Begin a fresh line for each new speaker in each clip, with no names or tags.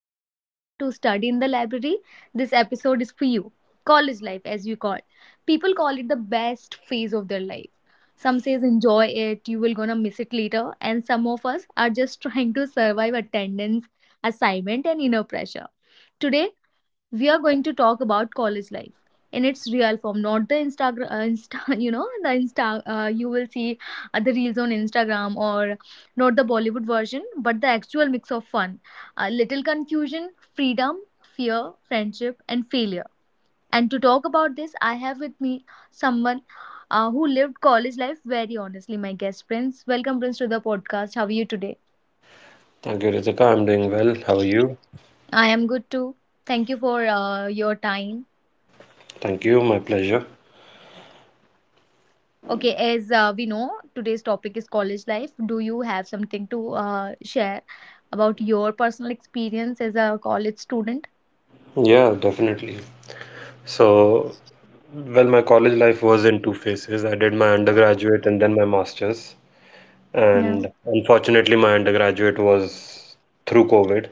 or pretending to study in the library, this episode is for you. College life, as we call it. People call it the best phase of their life. Some says enjoy it, you will gonna miss it later, and some of us are just trying to survive attendance, assignment and inner pressure. Today we are going to talk about college life in its real form, not the Instagram, insta, the insta, you will see the reels on Instagram, or not the Bollywood version, but the actual mix of fun, a little confusion, freedom, fear, friendship and failure. And to talk about this, I have with me someone who lived college life very honestly. My guest Prince. Welcome Prince to the podcast. How are you today?
Thank you, Ritika. I'm doing well. How are you?
I am good too. Thank you for your time.
Thank you. My pleasure.
Okay, as we know, today's topic is college life. Do you have something to share about your personal experience as a college student?
Yeah, definitely. So, well, my college life was in two phases. I did my undergraduate and then my master's.
Yeah,
And unfortunately, my undergraduate was through COVID.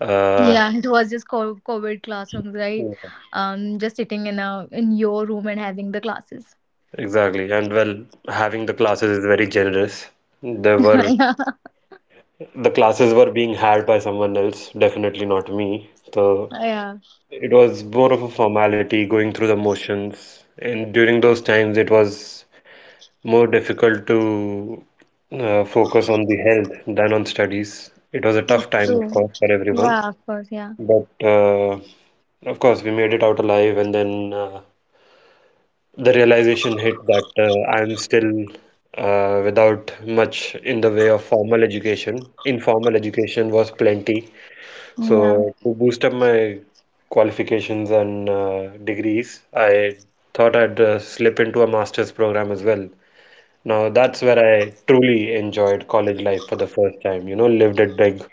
Uh,
yeah, it was just COVID classrooms, right? Just sitting in a in your room and having the classes.
exactly. And well, having the classes is very generous. There were
Yeah,
the classes were being had by someone else, definitely not me. So
yeah,
it was more of a formality, going through the motions. And during those times, it was more difficult to focus on the health than on studies. It was a tough time, of
true.
course, for everyone,
Yeah, of course. Yeah,
but of course, we made it out alive. And then the realization hit that I'm still without much in the way of formal education. Informal education was plenty.
yeah.
So, to boost up my qualifications and degrees, I thought I'd slip into a master's program as well. Now that's where I truly enjoyed college life for the first time. You know, lived it big.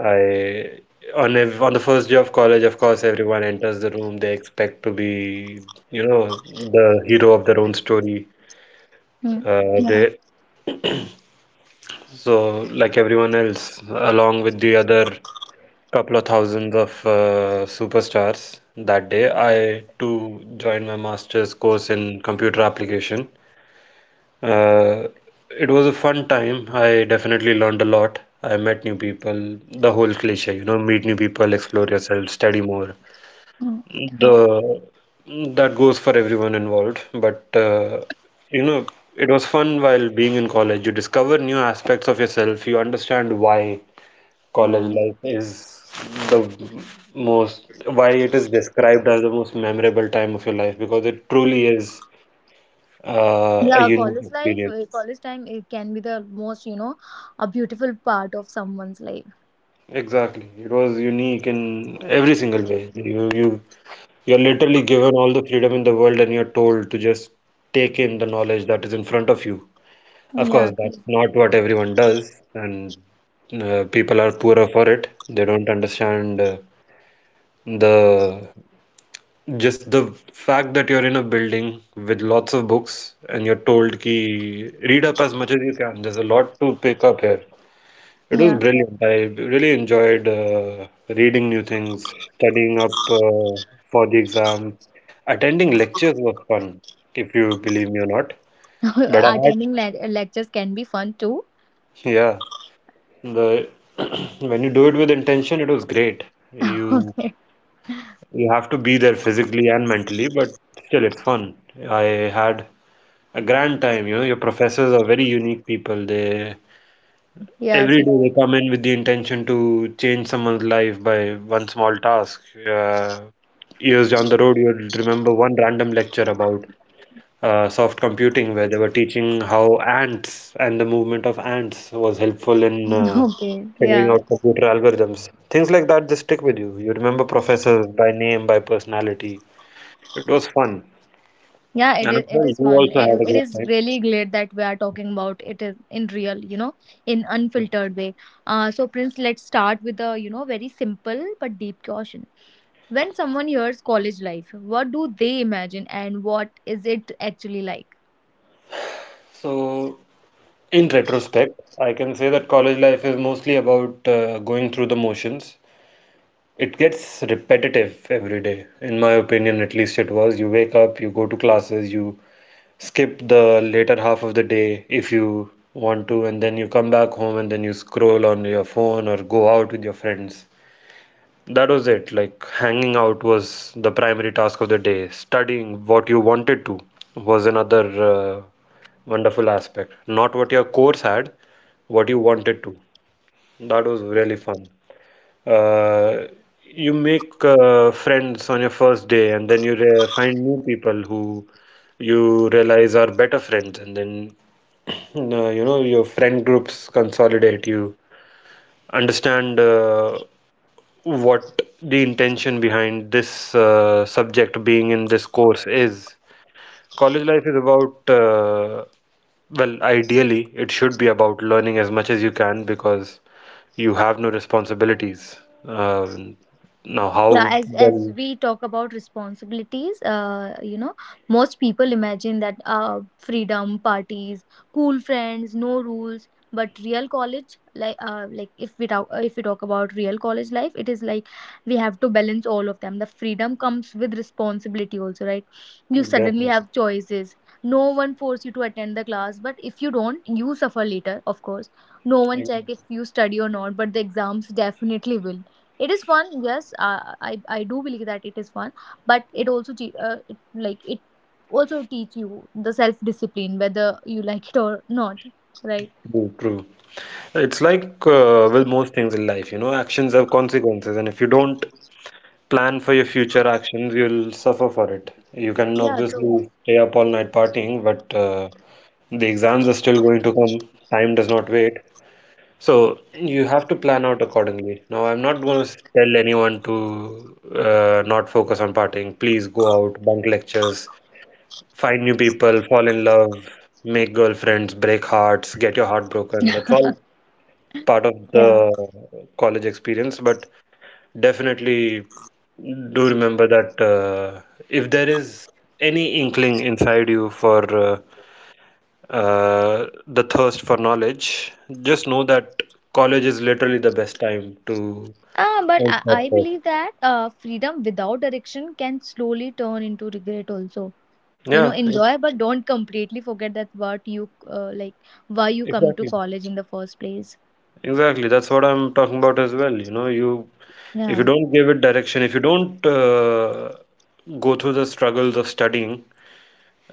I on ev on the first day of college, of course, everyone enters the room. They expect to be, you know, the hero of their own story.
Mm. Yeah.
They so like everyone else, along with the other couple of thousands of superstars that day, I too joined my master's course in computer application. Uh, it was a fun time. I definitely learned a lot. I met new people, the whole cliche, you know, meet new people, explore yourself, study more.
Mm. Yeah.
The that goes for everyone involved, but you know, it was fun while being in college. You discover new aspects of yourself. You understand why college
Yeah.
life is the why it is described as the most memorable time of your life because it truly is a
Yeah,
unique
college life,
experience.
college time, it can be the most, you know, a beautiful part of someone's life.
Exactly. It was unique in every single way. You're literally given all the freedom in the world and you're told to just take in the knowledge that is in front of you. Of course,
Yeah, true.
that's not what everyone does, and people are poorer for it. They don't understand the just the fact that you're in a building with lots of books and you're told ki read up as much as you can. There's a lot to pick up here. It was
Yeah,
brilliant. I really enjoyed reading new things, studying up for the exam. Attending lectures was fun, if you believe me or not. But I had,
Attending lectures can be fun too.
yeah, the When you do it with intention, it was great. You
okay.
you have to be there physically and mentally, but still it's fun. I had a grand time, you know. Your professors are very unique people. They
Yeah,
Every
sit.
day they come in with the intention to change someone's life by one small task. Years down the road, you'll remember one random lecture about soft computing where they were teaching how ants and the movement of ants was helpful in
Okay.
figuring
Yeah.
out computer algorithms. Things like that, they stick with you. You remember professors by name, by personality. It was fun.
Yeah, it
And I'm
is. it
sure you
is fun.
also had
It,
a
it
great
is
time.
really great that we are talking about it is in real, you know, in unfiltered way. So Prince, let's start with a very simple but deep question. When someone hears college life, what do they imagine and what is it actually like?
So in retrospect, I can say that college life is mostly about going through the motions. It gets repetitive every day. In my opinion, at least it was. You wake up, you go to classes, you skip the later half of the day if you want to, and then you come back home and then you scroll on your phone or go out with your friends. That was it. Like hanging out was the primary task of the day. Studying what you wanted to was another wonderful aspect. Not what your course had, what you wanted to. That was really fun. Uh, you make friends on your first day, and then you re find new people who you realize are better friends, and then you know your friend groups consolidate. You understand what the intention behind this subject being in this course is. College life is about well, ideally, it should be about learning as much as you can because you have no responsibilities. Um, now,
Yeah,
how
as
well,
we talk about responsibilities, you know, most people imagine that freedom, parties, cool friends, no rules. But real college, if we talk about real college life, it is like we have to balance all of them. The freedom comes with responsibility also, right? You suddenly
Definitely.
have choices. No one force you to attend the class, but if you don't, you suffer later. Of course, no one check if you study or not, but the exams definitely will. It is fun, yes. I do believe that it is fun, but it also it also teach you the self discipline, whether you like it or not, right?
True, true. It's like with most things in life, you know, actions have consequences, and if you don't plan for your future actions, you'll suffer for it. You can
Yeah, true.
obviously stay up all night partying, but the exams are still going to come. Time does not wait. So you have to plan out accordingly. Now, I'm not going to tell anyone to not focus on partying. Please go out, bunk lectures, find new people, fall in love, make girlfriends, break hearts, get your heart broken. That's all part of the college experience. But definitely do remember that if there is any inkling inside you for the thirst for knowledge, just know that college is literally the best time to
Ah, but
quench that
I
thirst.
believe that freedom without direction can slowly turn into regret also. You know,
Yeah, e-
enjoy, but don't completely forget that what you like why you come to
exactly.
college in the first place.
Exactly. That's what I'm talking about as well. You know, you If
Yeah,
you don't give it direction, if you don't go through the struggles of studying,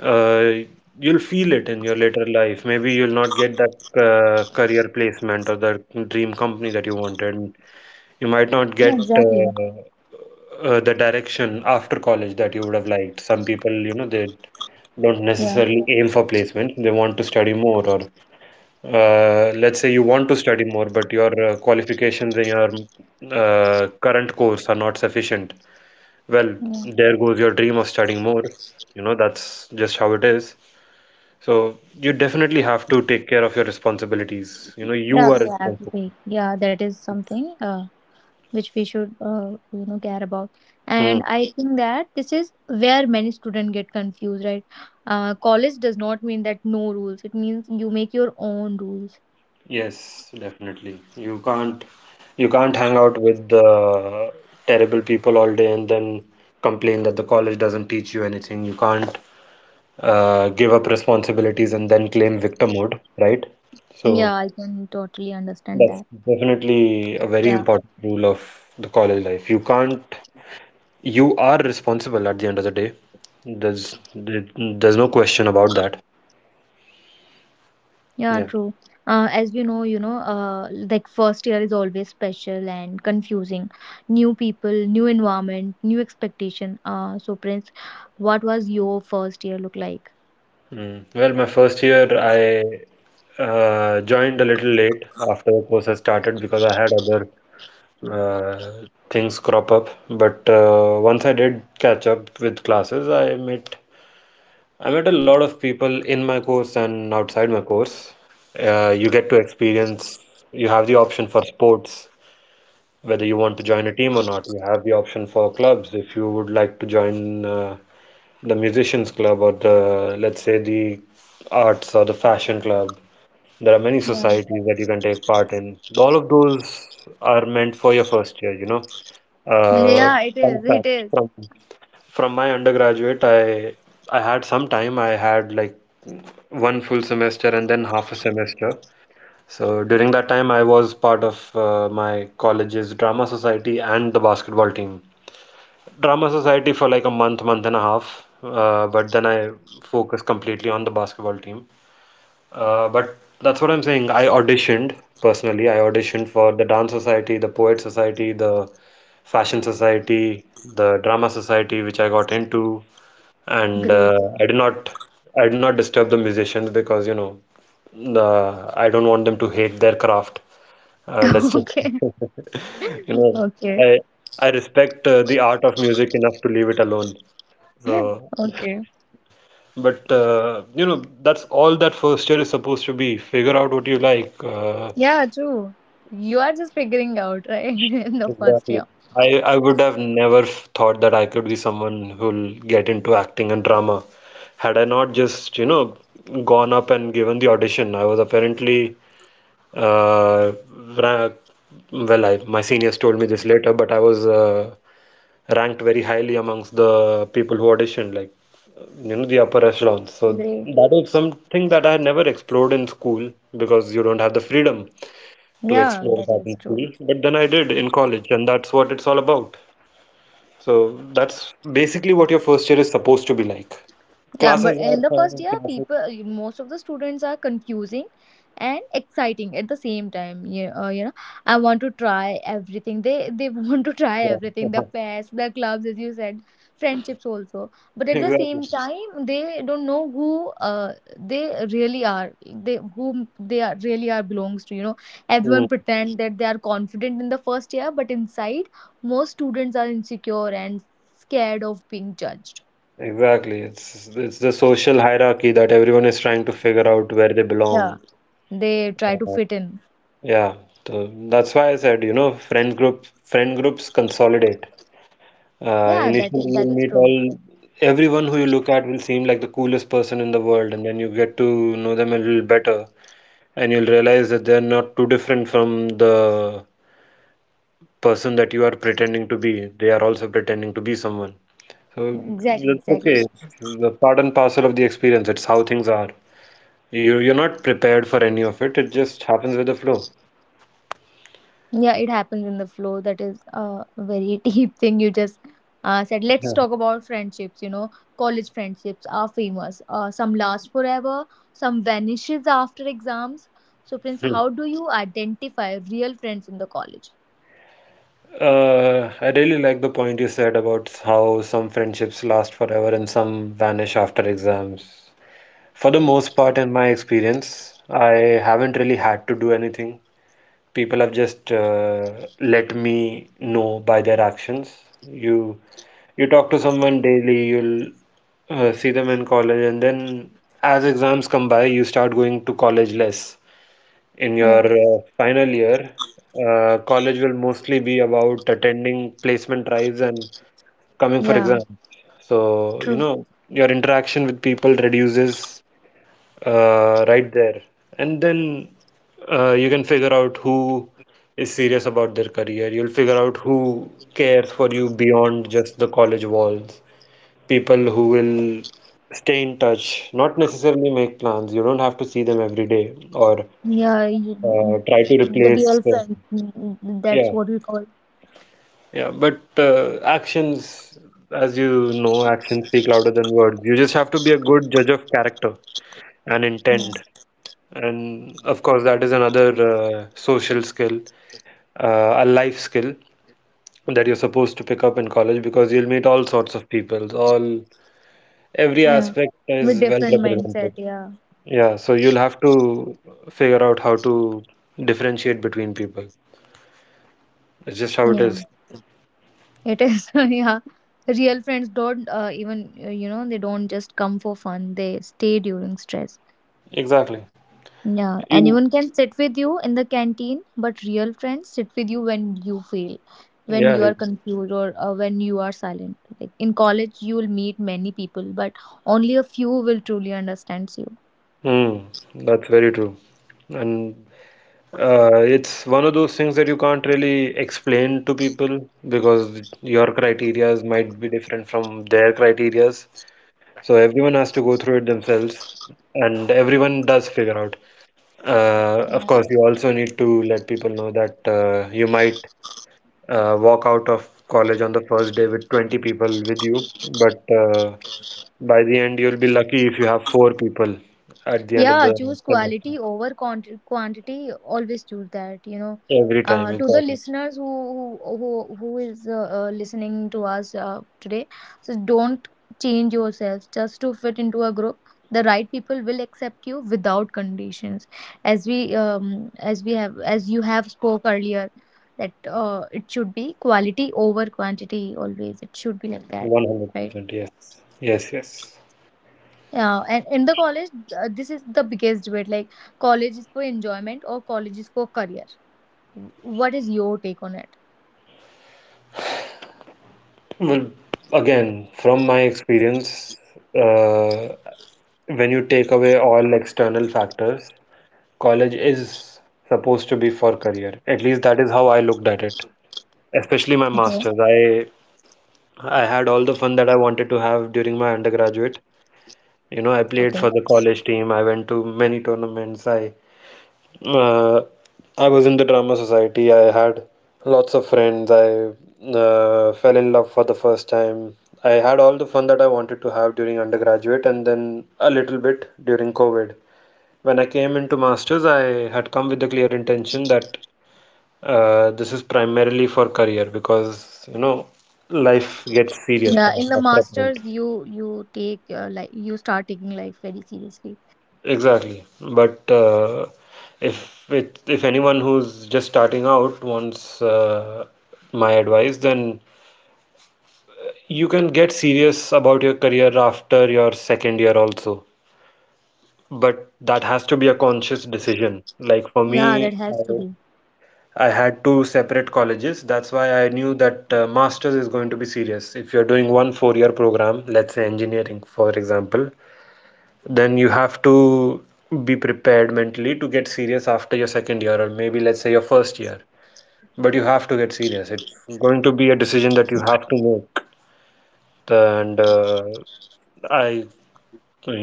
uh, you'll feel it in your later life. Maybe you'll not get that career placement or that dream company that you wanted. You might not
yeah,
get
exactly.
the direction after college that you would have liked. Some people, you know, they don't
Yeah,
necessarily aim for placement. They want to study more, or let's say you want to study more, but your qualifications in your current course are not sufficient. Well,
yeah,
there goes your dream of studying more. You know, that's just how it is. So you definitely have to take care of your responsibilities. You know, you
yeah,
are
we have to
responsible.
pay. Yeah, that is something which we should care about.
Hmm.
And I think that this is where many students get confused, right? College does not mean that no rules. It means you make your own rules.
Yes, definitely. You can't hang out with the terrible people all day and then complain that the college doesn't teach you anything. You can't give up responsibilities and then claim victimhood, right?
Yeah,
So
I can totally understand
that's
that.
definitely a very
Yeah,
important rule of the college life. You can't You are responsible at the end of the day. There's there- there's no question about that.
yeah,
Yeah.
true. As you know, first year is always special and confusing. New people, new environment, new expectation. So Prince, what was your first year look like?
Mm. Well, my first year, I joined a little late after the course had started because I had other uh, things crop up. But once I did catch up with classes, I met a lot of people in my course and outside my course. You get to experience. You have the option for sports, whether you want to join a team or not. You have the option for clubs if you would like to join. The musicians club or the, let's say, the arts or the fashion club. There are many
Yeah,
societies that you can take part in. All of those are meant for your first year, you know. uh,
yeah, it
Fun
is it
fact,
is
from my undergraduate, I had some time. I had like one full semester and then half a semester. So during that time, I was part of my college's drama society and the basketball team, drama society for like a month, month and a half. But then I focused completely on the basketball team. But that's what I'm saying. I auditioned personally. I auditioned for the dance society, the poet society, the fashion society, the drama society, which I got into. And
great.
I did not disturb the musicians because, you know, I don't want them to hate their craft. Uh, let's just,
Okay.
you know,
Okay.
I I respect the art of music enough to leave it alone. So.
Okay.
But you know, that's all that first year is supposed to be. Figure out what you like.
Yeah, true. You are just figuring out, right? In the first
Exactly.
year.
I would have never thought that I could be someone who'll get into acting and drama. Had I not just, you know, gone up and given the audition, I was apparently, uh, ra- my seniors told me this later, but I was ranked very highly amongst the people who auditioned. Like, you know, the upper echelons. So
Great.
that was something that I had never explored in school because you don't have the freedom to
Yeah,
explore
that
that
is
in
true.
school. But then I did in college, and that's what it's all about. So that's basically what your first year is supposed to be like.
Yeah,
Classes
but in
are
the first
fine,
year,
classes,
people, most of the students are confusing and exciting at the same time. I want to try everything. They want to try
yeah.
everything. The fairs, the clubs, as you said, friendships also. But at the
Exactly.
same time, they don't know who uh they really are. They, whom they are really are, belongs to. You know, everyone
Mm.
pretend that they are confident in the first year, but inside, most students are insecure and scared of being judged.
Exactly. It's the social hierarchy that everyone is trying to figure out where they
Yeah.
belong.
They try to fit in.
Yeah. So that's why I said, you know, friend groups consolidate.
Yeah,
Initially,
that
you'll
is
meet
true.
all everyone who you look at will seem like the coolest person in the world, and then you get to know them a little better, and you'll realize that they're not too different from the person that you are pretending to be. They are also pretending to be someone. So
Exactly,
that's
exactly.
okay. It's the part and parcel of the experience. It's how things are. You're not prepared for any of it. It just happens with the flow.
Yeah, it happens in the flow. That is a very deep thing. You just said, let's
Yeah.
talk about friendships. You know, college friendships are famous. Some last forever, some vanishes after exams. So, Prince, how do you identify real friends in the college?
I really like the point you said about how some friendships last forever and some vanish after exams. For the most part, in my experience, I haven't really had to do anything. People have just let me know by their actions. You you talk to someone daily, you'll see them in college, and then as exams come by, you start going to college less in
Yeah,
your final year. College will mostly be about attending placement drives and coming for
yeah,
exams. So, your interaction with people reduces right there. And then you can figure out who is serious about their career. You'll figure out who cares for you beyond just the college walls. People who will stay in touch, not necessarily make plans. You don't have to see them every day or
yeah.
try to
The
replace
real friends. Mm, mm, that's
yeah
what we call.
yeah But actions, as you know, actions speak louder than words. You just have to be a good judge of character and
Yeah,
intent. And of course that is another social skill, a life skill that you're supposed to pick up in college, because you'll meet all sorts of people, all every
yeah.
aspect is
With
well
different
represented.
mindset. Yeah,
Yeah, so you'll have to figure out how to differentiate between people. It's just how it
yeah.
is.
It is, yeah. Real friends don't, they don't just come for fun. They stay during stress.
Exactly.
Yeah,
you
anyone can sit with you in the canteen, but real friends sit with you when you fail, when
Yeah,
you are confused, or when you are silent. Like in college, you will meet many people, but only a few will truly understands you.
Hmm. That's very true. And it's one of those things that you can't really explain to people because your criterias might be different from their criterias. So everyone has to go through it themselves, and everyone does figure out. Of course, you also need to let people know that you might walk out of college on the first day with 20 people with you, but by the end, you'll be lucky if you have four people at the end of
Yeah,
the
choose
semester.
quality over quantity. Always choose that, you know.
Every time,
To the
exactly.
listeners who is listening to us today, so don't change yourselves just to fit into a group. The right people will accept you without conditions. As we um as you have spoke earlier, that it should be quality over quantity always. It should be like that,
100%.
right?
Yes. Yes, yes.
Yeah, and in the college, this is the biggest debate. Like, college is for enjoyment or college is for career. What is your take on it?
Well, again, from my experience, uh, when you take away all external factors, college is supposed to be for career. At least that is how I looked at it. Especially my
Okay,
masters. I had all the fun that I wanted to have during my undergraduate. You know, I played
okay.
for the college team. I went to many tournaments. Uh, I was in the drama society. I had lots of friends. I fell in love for the first time. I had all the fun that I wanted to have during undergraduate and then a little bit during COVID. When I came into masters, I had come with the clear intention that this is primarily for career because, life gets serious
Yeah, in the
after a point.
masters, you take you start taking life very seriously.
Exactly. But if anyone who's just starting out wants my advice, then you can get serious about your career after your second year also. But that has to be a conscious decision. Like for
Yeah, that
me,
has
I
to be.
I had two separate colleges. That's why I knew that master's is going to be serious. If you're doing one 4-year program, let's say engineering, for example, then you have to be prepared mentally to get serious after your second year, or maybe let's say your first year, but you have to get serious. It's going to be a decision that you have to make. And I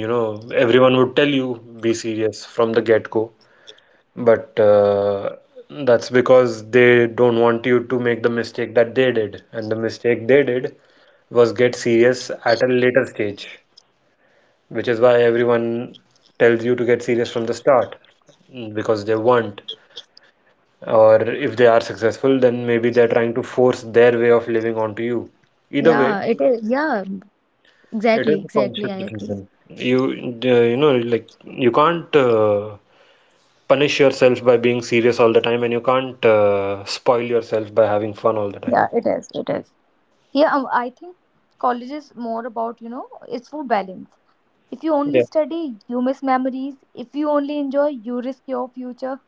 you know everyone would tell you be serious from the get-go, but that's because they don't want you to make the mistake that they did, and the mistake they did was get serious at a later stage, which is why everyone tells you to get serious from the start, because they want, or if they are successful, then maybe they're trying to force their way of living onto you. Either way,
Yeah, it is. Yeah, exactly,
it is a
exactly. I
conscious
agree.
decision. You, like you can't punish yourself by being serious all the time, and you can't spoil yourself by having fun all the time.
Yeah, it is. It is. Yeah, I think college is more about, you know, it's for balance. If you only
Yeah,
study, you miss memories. If you only enjoy, you risk your future.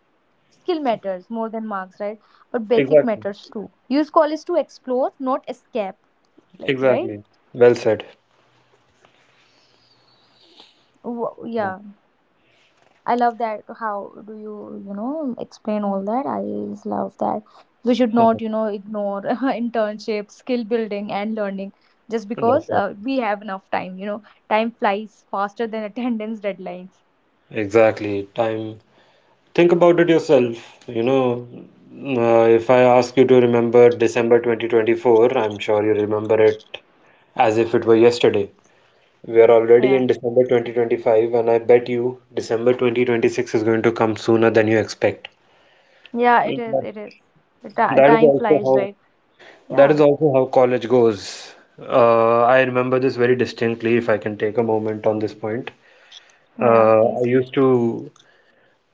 Skill matters more than marks, right? But basic
exactly.
matters too. Use college to explore, not escape. like
Exactly.
right
Well said. Yeah.
Yeah, I love that. How do you you know explain all that. I just love that. We should not, you know, ignore internship, skill building and learning just because
Definitely.
we have enough time, you know. Time flies faster than attendance deadlines.
Exactly. Time Think about it yourself. You know, if I ask you to remember December 2024, I'm sure you remember it as if it were yesterday. We are already
Yeah,
in December 2025, and I bet you December 2026 is going to come sooner than you expect.
yeah, it
That
is. It is the
that is
time
also
flies,
how
right?
that is
Yeah,
also how college goes. I remember this very distinctly, if I can take a moment on this point.
yeah,
I
please.
used to,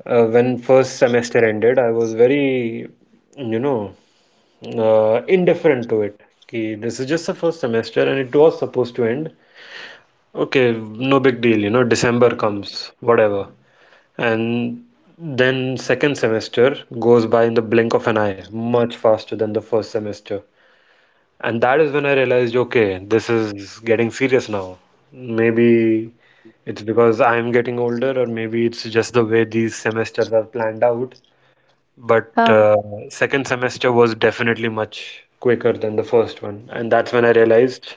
when first semester ended, I was very, you know, indifferent to it. कि this is just the first semester and it was supposed to end. Okay, no big deal, December comes, whatever. And then second semester goes by in the blink of an eye, much faster than the first semester. And that is when I realized, okay, this is getting serious now. Maybe it's because I'm getting older, or maybe it's just the way these semesters are planned out. But
uh,
uh, second semester was definitely much quicker than the first one, and that's when I realized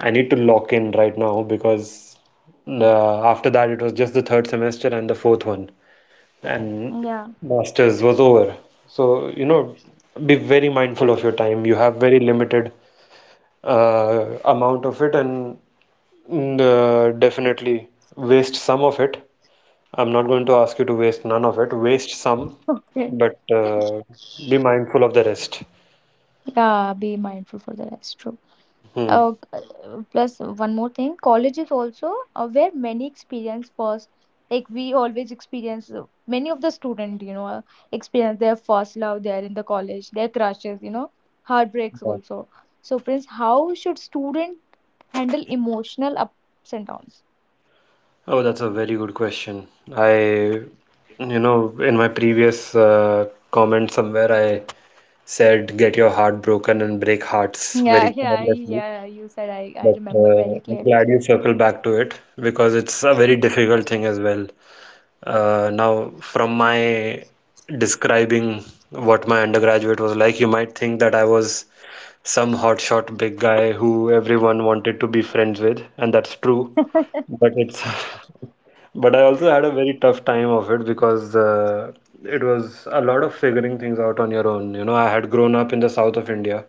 I need to lock in right now, because after that it was just the third semester and the fourth one, and
yeah,
masters was over. So, be very mindful of your time. You have very limited amount of it, and definitely waste some of it. I'm not going to ask you to waste none of it. Waste some,
okay.
but be mindful of the rest.
Yeah, be mindful for the rest. True.
Hmm.
Plus one more thing, college is also where many experience first. Like we always experience, many of the student, experience their first love there in the college, their crushes, you know, heartbreaks
Yeah.
also. So Prince, how should student handle emotional ups and downs?
Oh, that's a very good question. I, in my previous comment somewhere, I said get your heart broken and break hearts
Yeah,
very
yeah,
carelessly.
yeah. You said, I
But
remember
uh,
very
I'm
clearly.
glad you circled back to it, because it's a very difficult thing as well. Now, from my describing what my undergraduate was like, you might think that I was some hotshot big guy who everyone wanted to be friends with, and that's true. But it's But I also had a very tough time of it, because it was a lot of figuring things out on your own. You know, I had grown up in the south of India,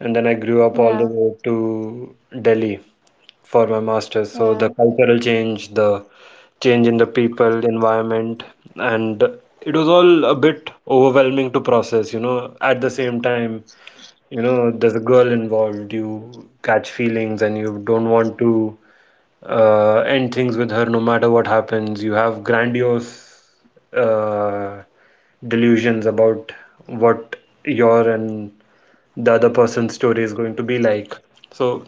and then I grew up
Yeah,
all the way to Delhi for my master's. So
yeah,
the cultural change, the change in the people, environment, and it was all a bit overwhelming to process, at the same time there's a girl involved, you catch feelings and you don't want to end things with her no matter what happens. You have grandiose uh, delusions about what your and the other person's story is going to be like. So,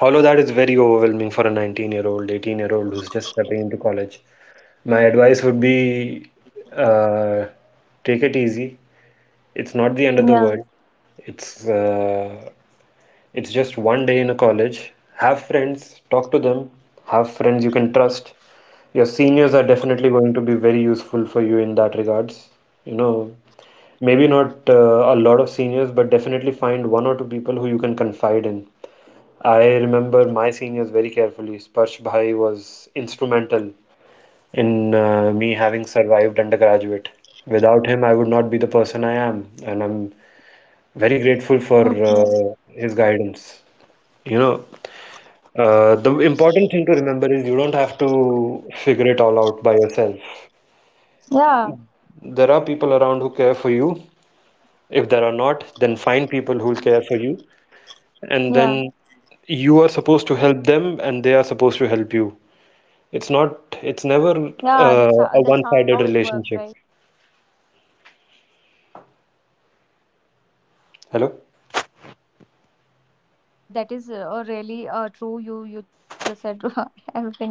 all of that is very overwhelming for a 19-year-old, 18-year-old who's just stepping into college. My advice would be uh, take it easy. It's not the end of the
yeah.
world. It's uh, it's just one day in a college. Have friends, talk to them, have friends you can trust. Your seniors are definitely going to be very useful for you in that regards. You know, maybe not a lot of seniors, but definitely find one or two people who you can confide in. I remember my seniors very carefully. Sparsh Bhai was instrumental in me having survived undergraduate. Without him, I would not be the person I am, and I'm very grateful for
Okay.
his guidance. You know, the important thing to remember is you don't have to figure it all out by yourself.
Yeah,
There are people around who care for you. If there are not, then find people who'll care for you. And
yeah.
then you are supposed to help them and they are supposed to help you. It's not, it's never
Yeah, that's
a
how that's how
one-sided
it works, right?
relationship. Hello?
Is That is really true. You just said everything right.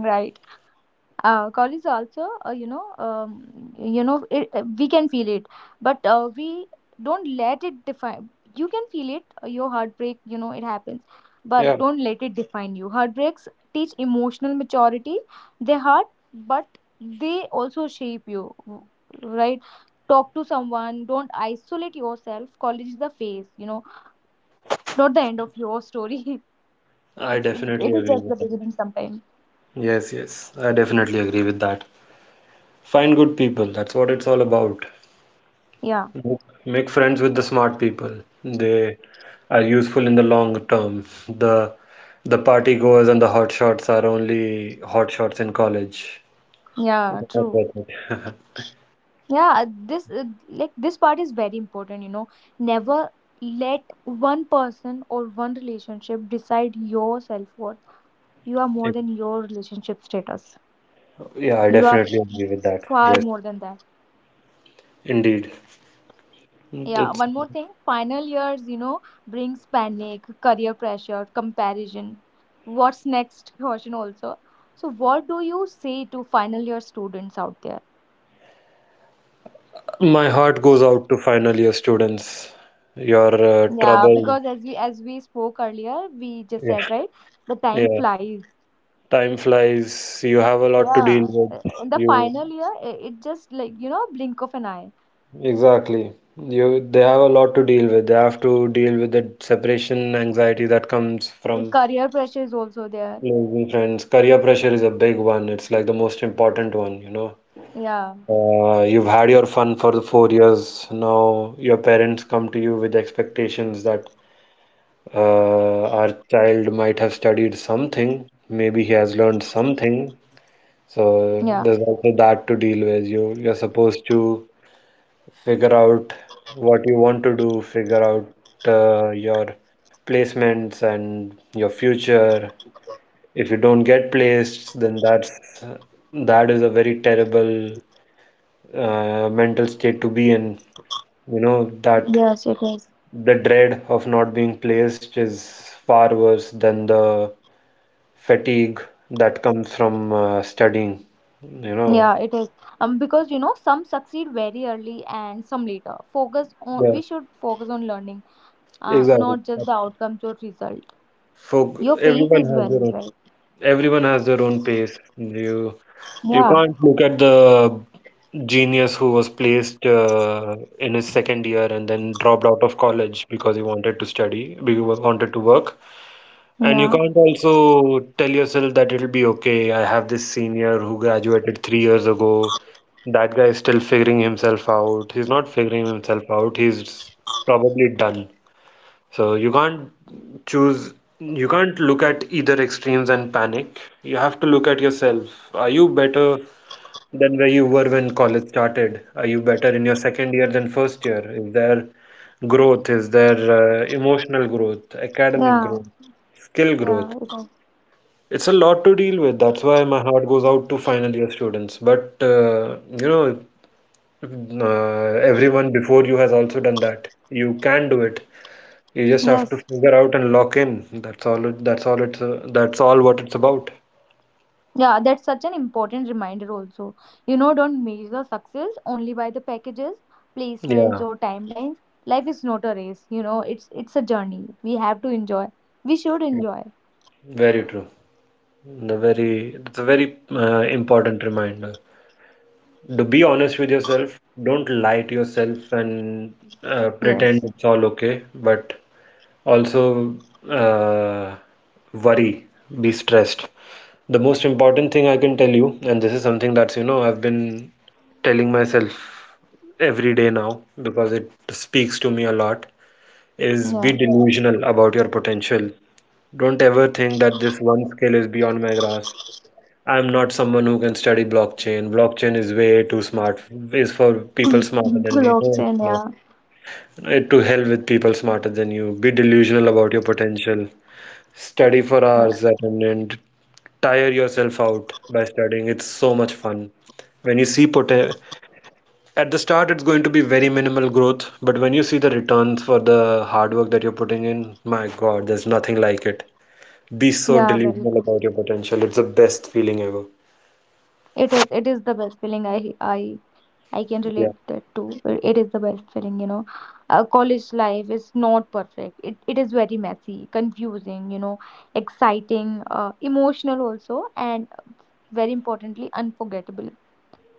College also, we can feel it, but we don't let it define. You can feel it, your heartbreak. You know, it happens,
Yeah,
but don't let it define you. Heartbreaks teach emotional maturity. They hurt, but they also shape you, right? Talk to someone. Don't isolate yourself. College is the phase, you know, not the end of your story.
I definitely
It is
agree
just the
with that.
beginning sometimes.
Yes, yes, I definitely agree with that. Find good people. That's what it's all about.
Yeah,
Make friends with the smart people. They are useful in the long term. The party goers and the hot shots are only hot shots in college. they
yeah,
not
true.
worth it.
Yeah. this uh, this part is very important, you know. Never let one person or one relationship decide your self-worth. You are more than your relationship status.
Yeah, I
You are
definitely agree with that.
far
Yes,
more than that.
indeed.
Yeah,
It's,
one more thing. Final years, you know, brings panic, career pressure, comparison, what's next question also. So what do you say to final year students out there?
my heart goes out to final year students. Your
Yeah,
trouble.
because as we spoke earlier, we just
Yeah.
said, right, the time
Yeah.
flies.
Time flies. You have a lot to deal
Yeah.
with.
In the
You
final year, it just like, you know, blink of an eye.
exactly. You, they have a lot to deal with. They have to deal with the separation anxiety that comes
The
from
career pressure is also there.
losing friends. Career pressure is a big one. It's like the most important one, you know.
Yeah.
You've had your fun for the 4 years. Now your parents come to you with expectations that our child might have studied something. Maybe he has learned something. So
Yeah.
there's also that to deal with. You're supposed to figure out what you want to do, figure out your placements and your future. If you don't get placed, then that is a very terrible mental state to be in. You know that
Yes, it is.
the dread of not being placed is far worse than the fatigue that comes from studying. You know,
Yeah, it is. Because you know, some succeed very early and some later. Focus on
yeah,
We should focus on learning,
exactly.
not just the outcomes or result.
For
Your pace
everyone
is
has their
valued,
own.
right?
Everyone has their own pace. You
Yeah.
can't look at the genius who was placed in his second year and then dropped out of college because he wanted to study, because he wanted to work. And you
Yeah.
can't also tell yourself that it'll be okay. I have this senior who graduated 3 years ago. That guy is still figuring himself out. He's not figuring himself out. He's probably done. So you can't look at either extremes and panic. You have to look at yourself. Are you better than where you were when college started? Are you better in your second year than first year? Is there growth? Is there emotional growth, academic
Yeah.
growth, skill growth?
Yeah. It is.
It's a lot to deal with. That's why my heart goes out to final year students. But everyone before you has also done that. You can do it. You just have to
Yes.
figure out and lock in. That's all what it's about.
Yeah, that's such an important reminder also. You know, don't measure success only by the packages, placements
Yeah.
or timelines. Life is not a race, you know, it's a journey. We have to enjoy. We should
Yeah.
enjoy.
Very true. The very it's a very important reminder. To be honest with yourself, don't lie to yourself and pretend
Yes.
it's all okay, but also uh, worry, be stressed. The most important thing I can tell you, and this is something that's, you know, I've been telling myself every day now because it speaks to me a lot is be
Yeah.
delusional about your potential. Don't ever think that this one skill is beyond my grasp. I'm not someone who can study blockchain. Blockchain is way too smart, is for people smarter than me. No,
Blockchain.
no.
Yeah.
To hell with people smarter than you. Be delusional about your potential. Study for
Yes.
hours at an end. Tire yourself out by studying. It's so much fun. When you see poten At the start, it's going to be very minimal growth, but when you see the returns for the hard work that you're putting in, my God, there's nothing like it. Be so
Yeah, very
delusional
good.
about your potential. It's the best feeling ever.
It is the best feeling. I I can
Yeah.
relate that too. It is the best feeling, you know. College life is not perfect. It is very messy, confusing, you know, exciting, emotional also, and very importantly, unforgettable.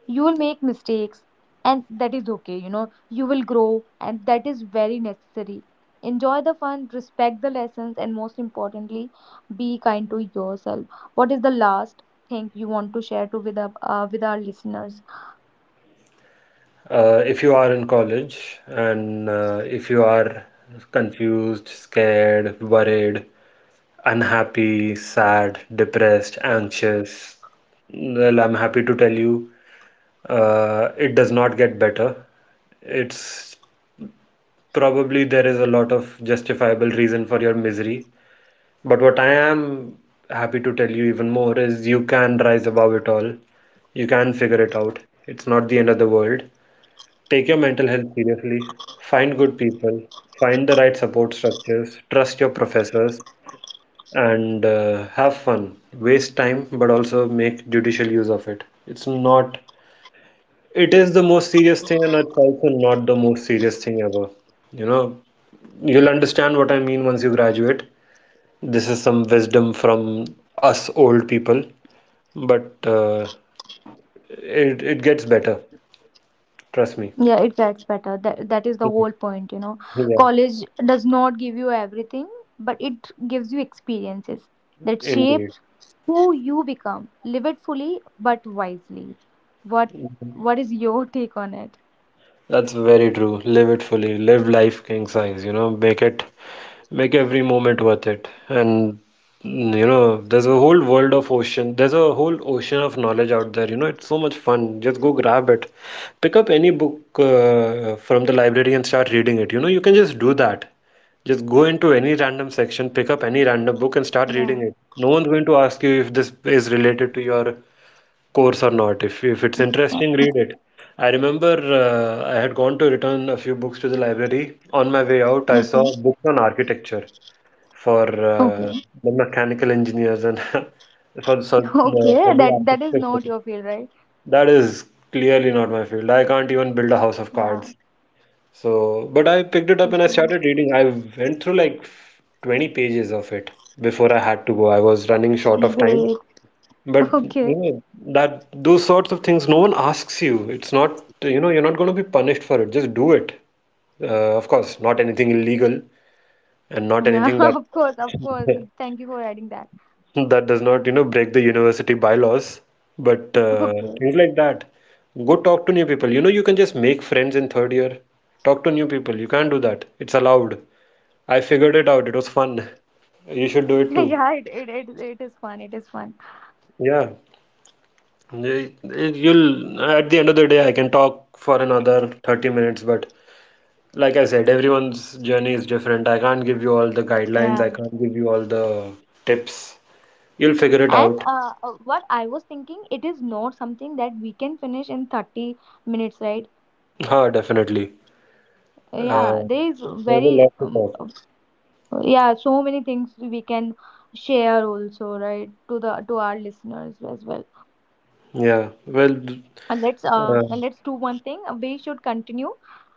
You will make mistakes, and that is okay, you know. You will grow, and that is very necessary. Enjoy the fun, respect the lessons, and most importantly, be kind to yourself. What is the last thing you want to share to with our listeners?
If you are in college and if you are confused, scared, worried, unhappy, sad, depressed, anxious, well, I'm happy to tell you, it does not get better. It's Probably there is a lot of justifiable reason for your misery, but what I am happy to tell you even more is you can rise above it all. You can figure it out. It's not the end of the world. Take your mental health seriously, find good people, find the right support structures, trust your professors, and have fun. Waste time, but also make judicial use of it. It's not, it is the most serious thing, and it's also not the most serious thing ever. You know, you'll understand what I mean once you graduate. This is some wisdom from us old people, but it gets better. Trust me.
Yeah, it gets better. That is the
Mhm.
whole point, you know.
Yeah,
College does not give you everything, but it gives you experiences that
indeed.
shapes who you become. Live it fully but wisely. What what is your take on it?
That's very true. Live it fully. Live life king size, you know, make every moment worth it. And you know, there's a whole world of ocean. There's a whole ocean of knowledge out there. You know, it's so much fun. Just go grab it. Pick up any book from the library and start reading it. You know, you can just do that. Just go into any random section, pick up any random book and start
Yeah.
reading it. No one's going to ask you if this is related to your course or not. If it's
Uh,
interesting, read it. I remember I had gone to return a few books to the library. On my way out, I saw
okay,
books on architecture for
okay.
the mechanical engineers and the, for
Okay,
for the
that is
architecture.
not your field, right?
That is clearly not my field. I can't even build a house of
Yeah.
cards. So, but I picked it up and I
Okay.
started reading. I went through like 20 pages of it before I had to go. I was running short of time.
Great.
But you
Okay.
know that those sorts of things, no one asks you. It's not, you know, you're not going to be punished for it. Just do it. Of course, not anything illegal and not
Yeah.
anything
Of course, of course.
that
Thank you for adding that.
that does not, you know, break the university bylaws, but
Okay.
things like that. Go talk to new people. You know, you can just make friends in third year. Talk to new people. You can't do that. It's allowed. I figured it out. It was fun. You should do it too.
Yeah, it is fun, it is fun.
Yeah. At the end of the day, I can talk for another 30 minutes, but like I said, everyone's journey is different. I can't give you all the guidelines,
Yeah.
I can't give you all the tips. You'll figure it
And
out.
what I was thinking, it is not something that we can finish in 30 minutes, right?
Ha, definitely.
Yeah,
Uh,
there is
there's a
very,
lot to talk.
yeah, so many things we can share also, right, to the to our listeners as well.
Yeah, well, d-
And
uh,
let's do one thing. We should continue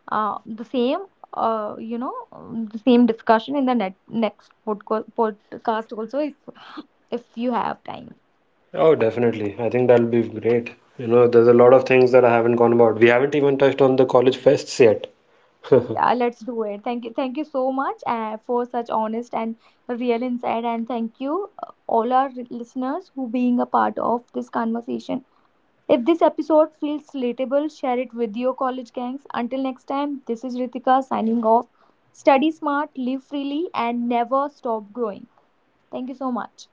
the same the same discussion in the net next podcast also, if you have time.
oh, definitely. I think that'll be great. You know, there's a lot of things that I haven't gone about. We haven't even touched on the college fests yet.
Yeah, let's do it. Thank you. Thank you so much for such honest and real insight. And thank you, all our listeners who being a part of this conversation. If this episode feels relatable, share it with your college gangs. Until next time, this is Ritika signing off. Study smart, live freely, and never stop growing. Thank you so much.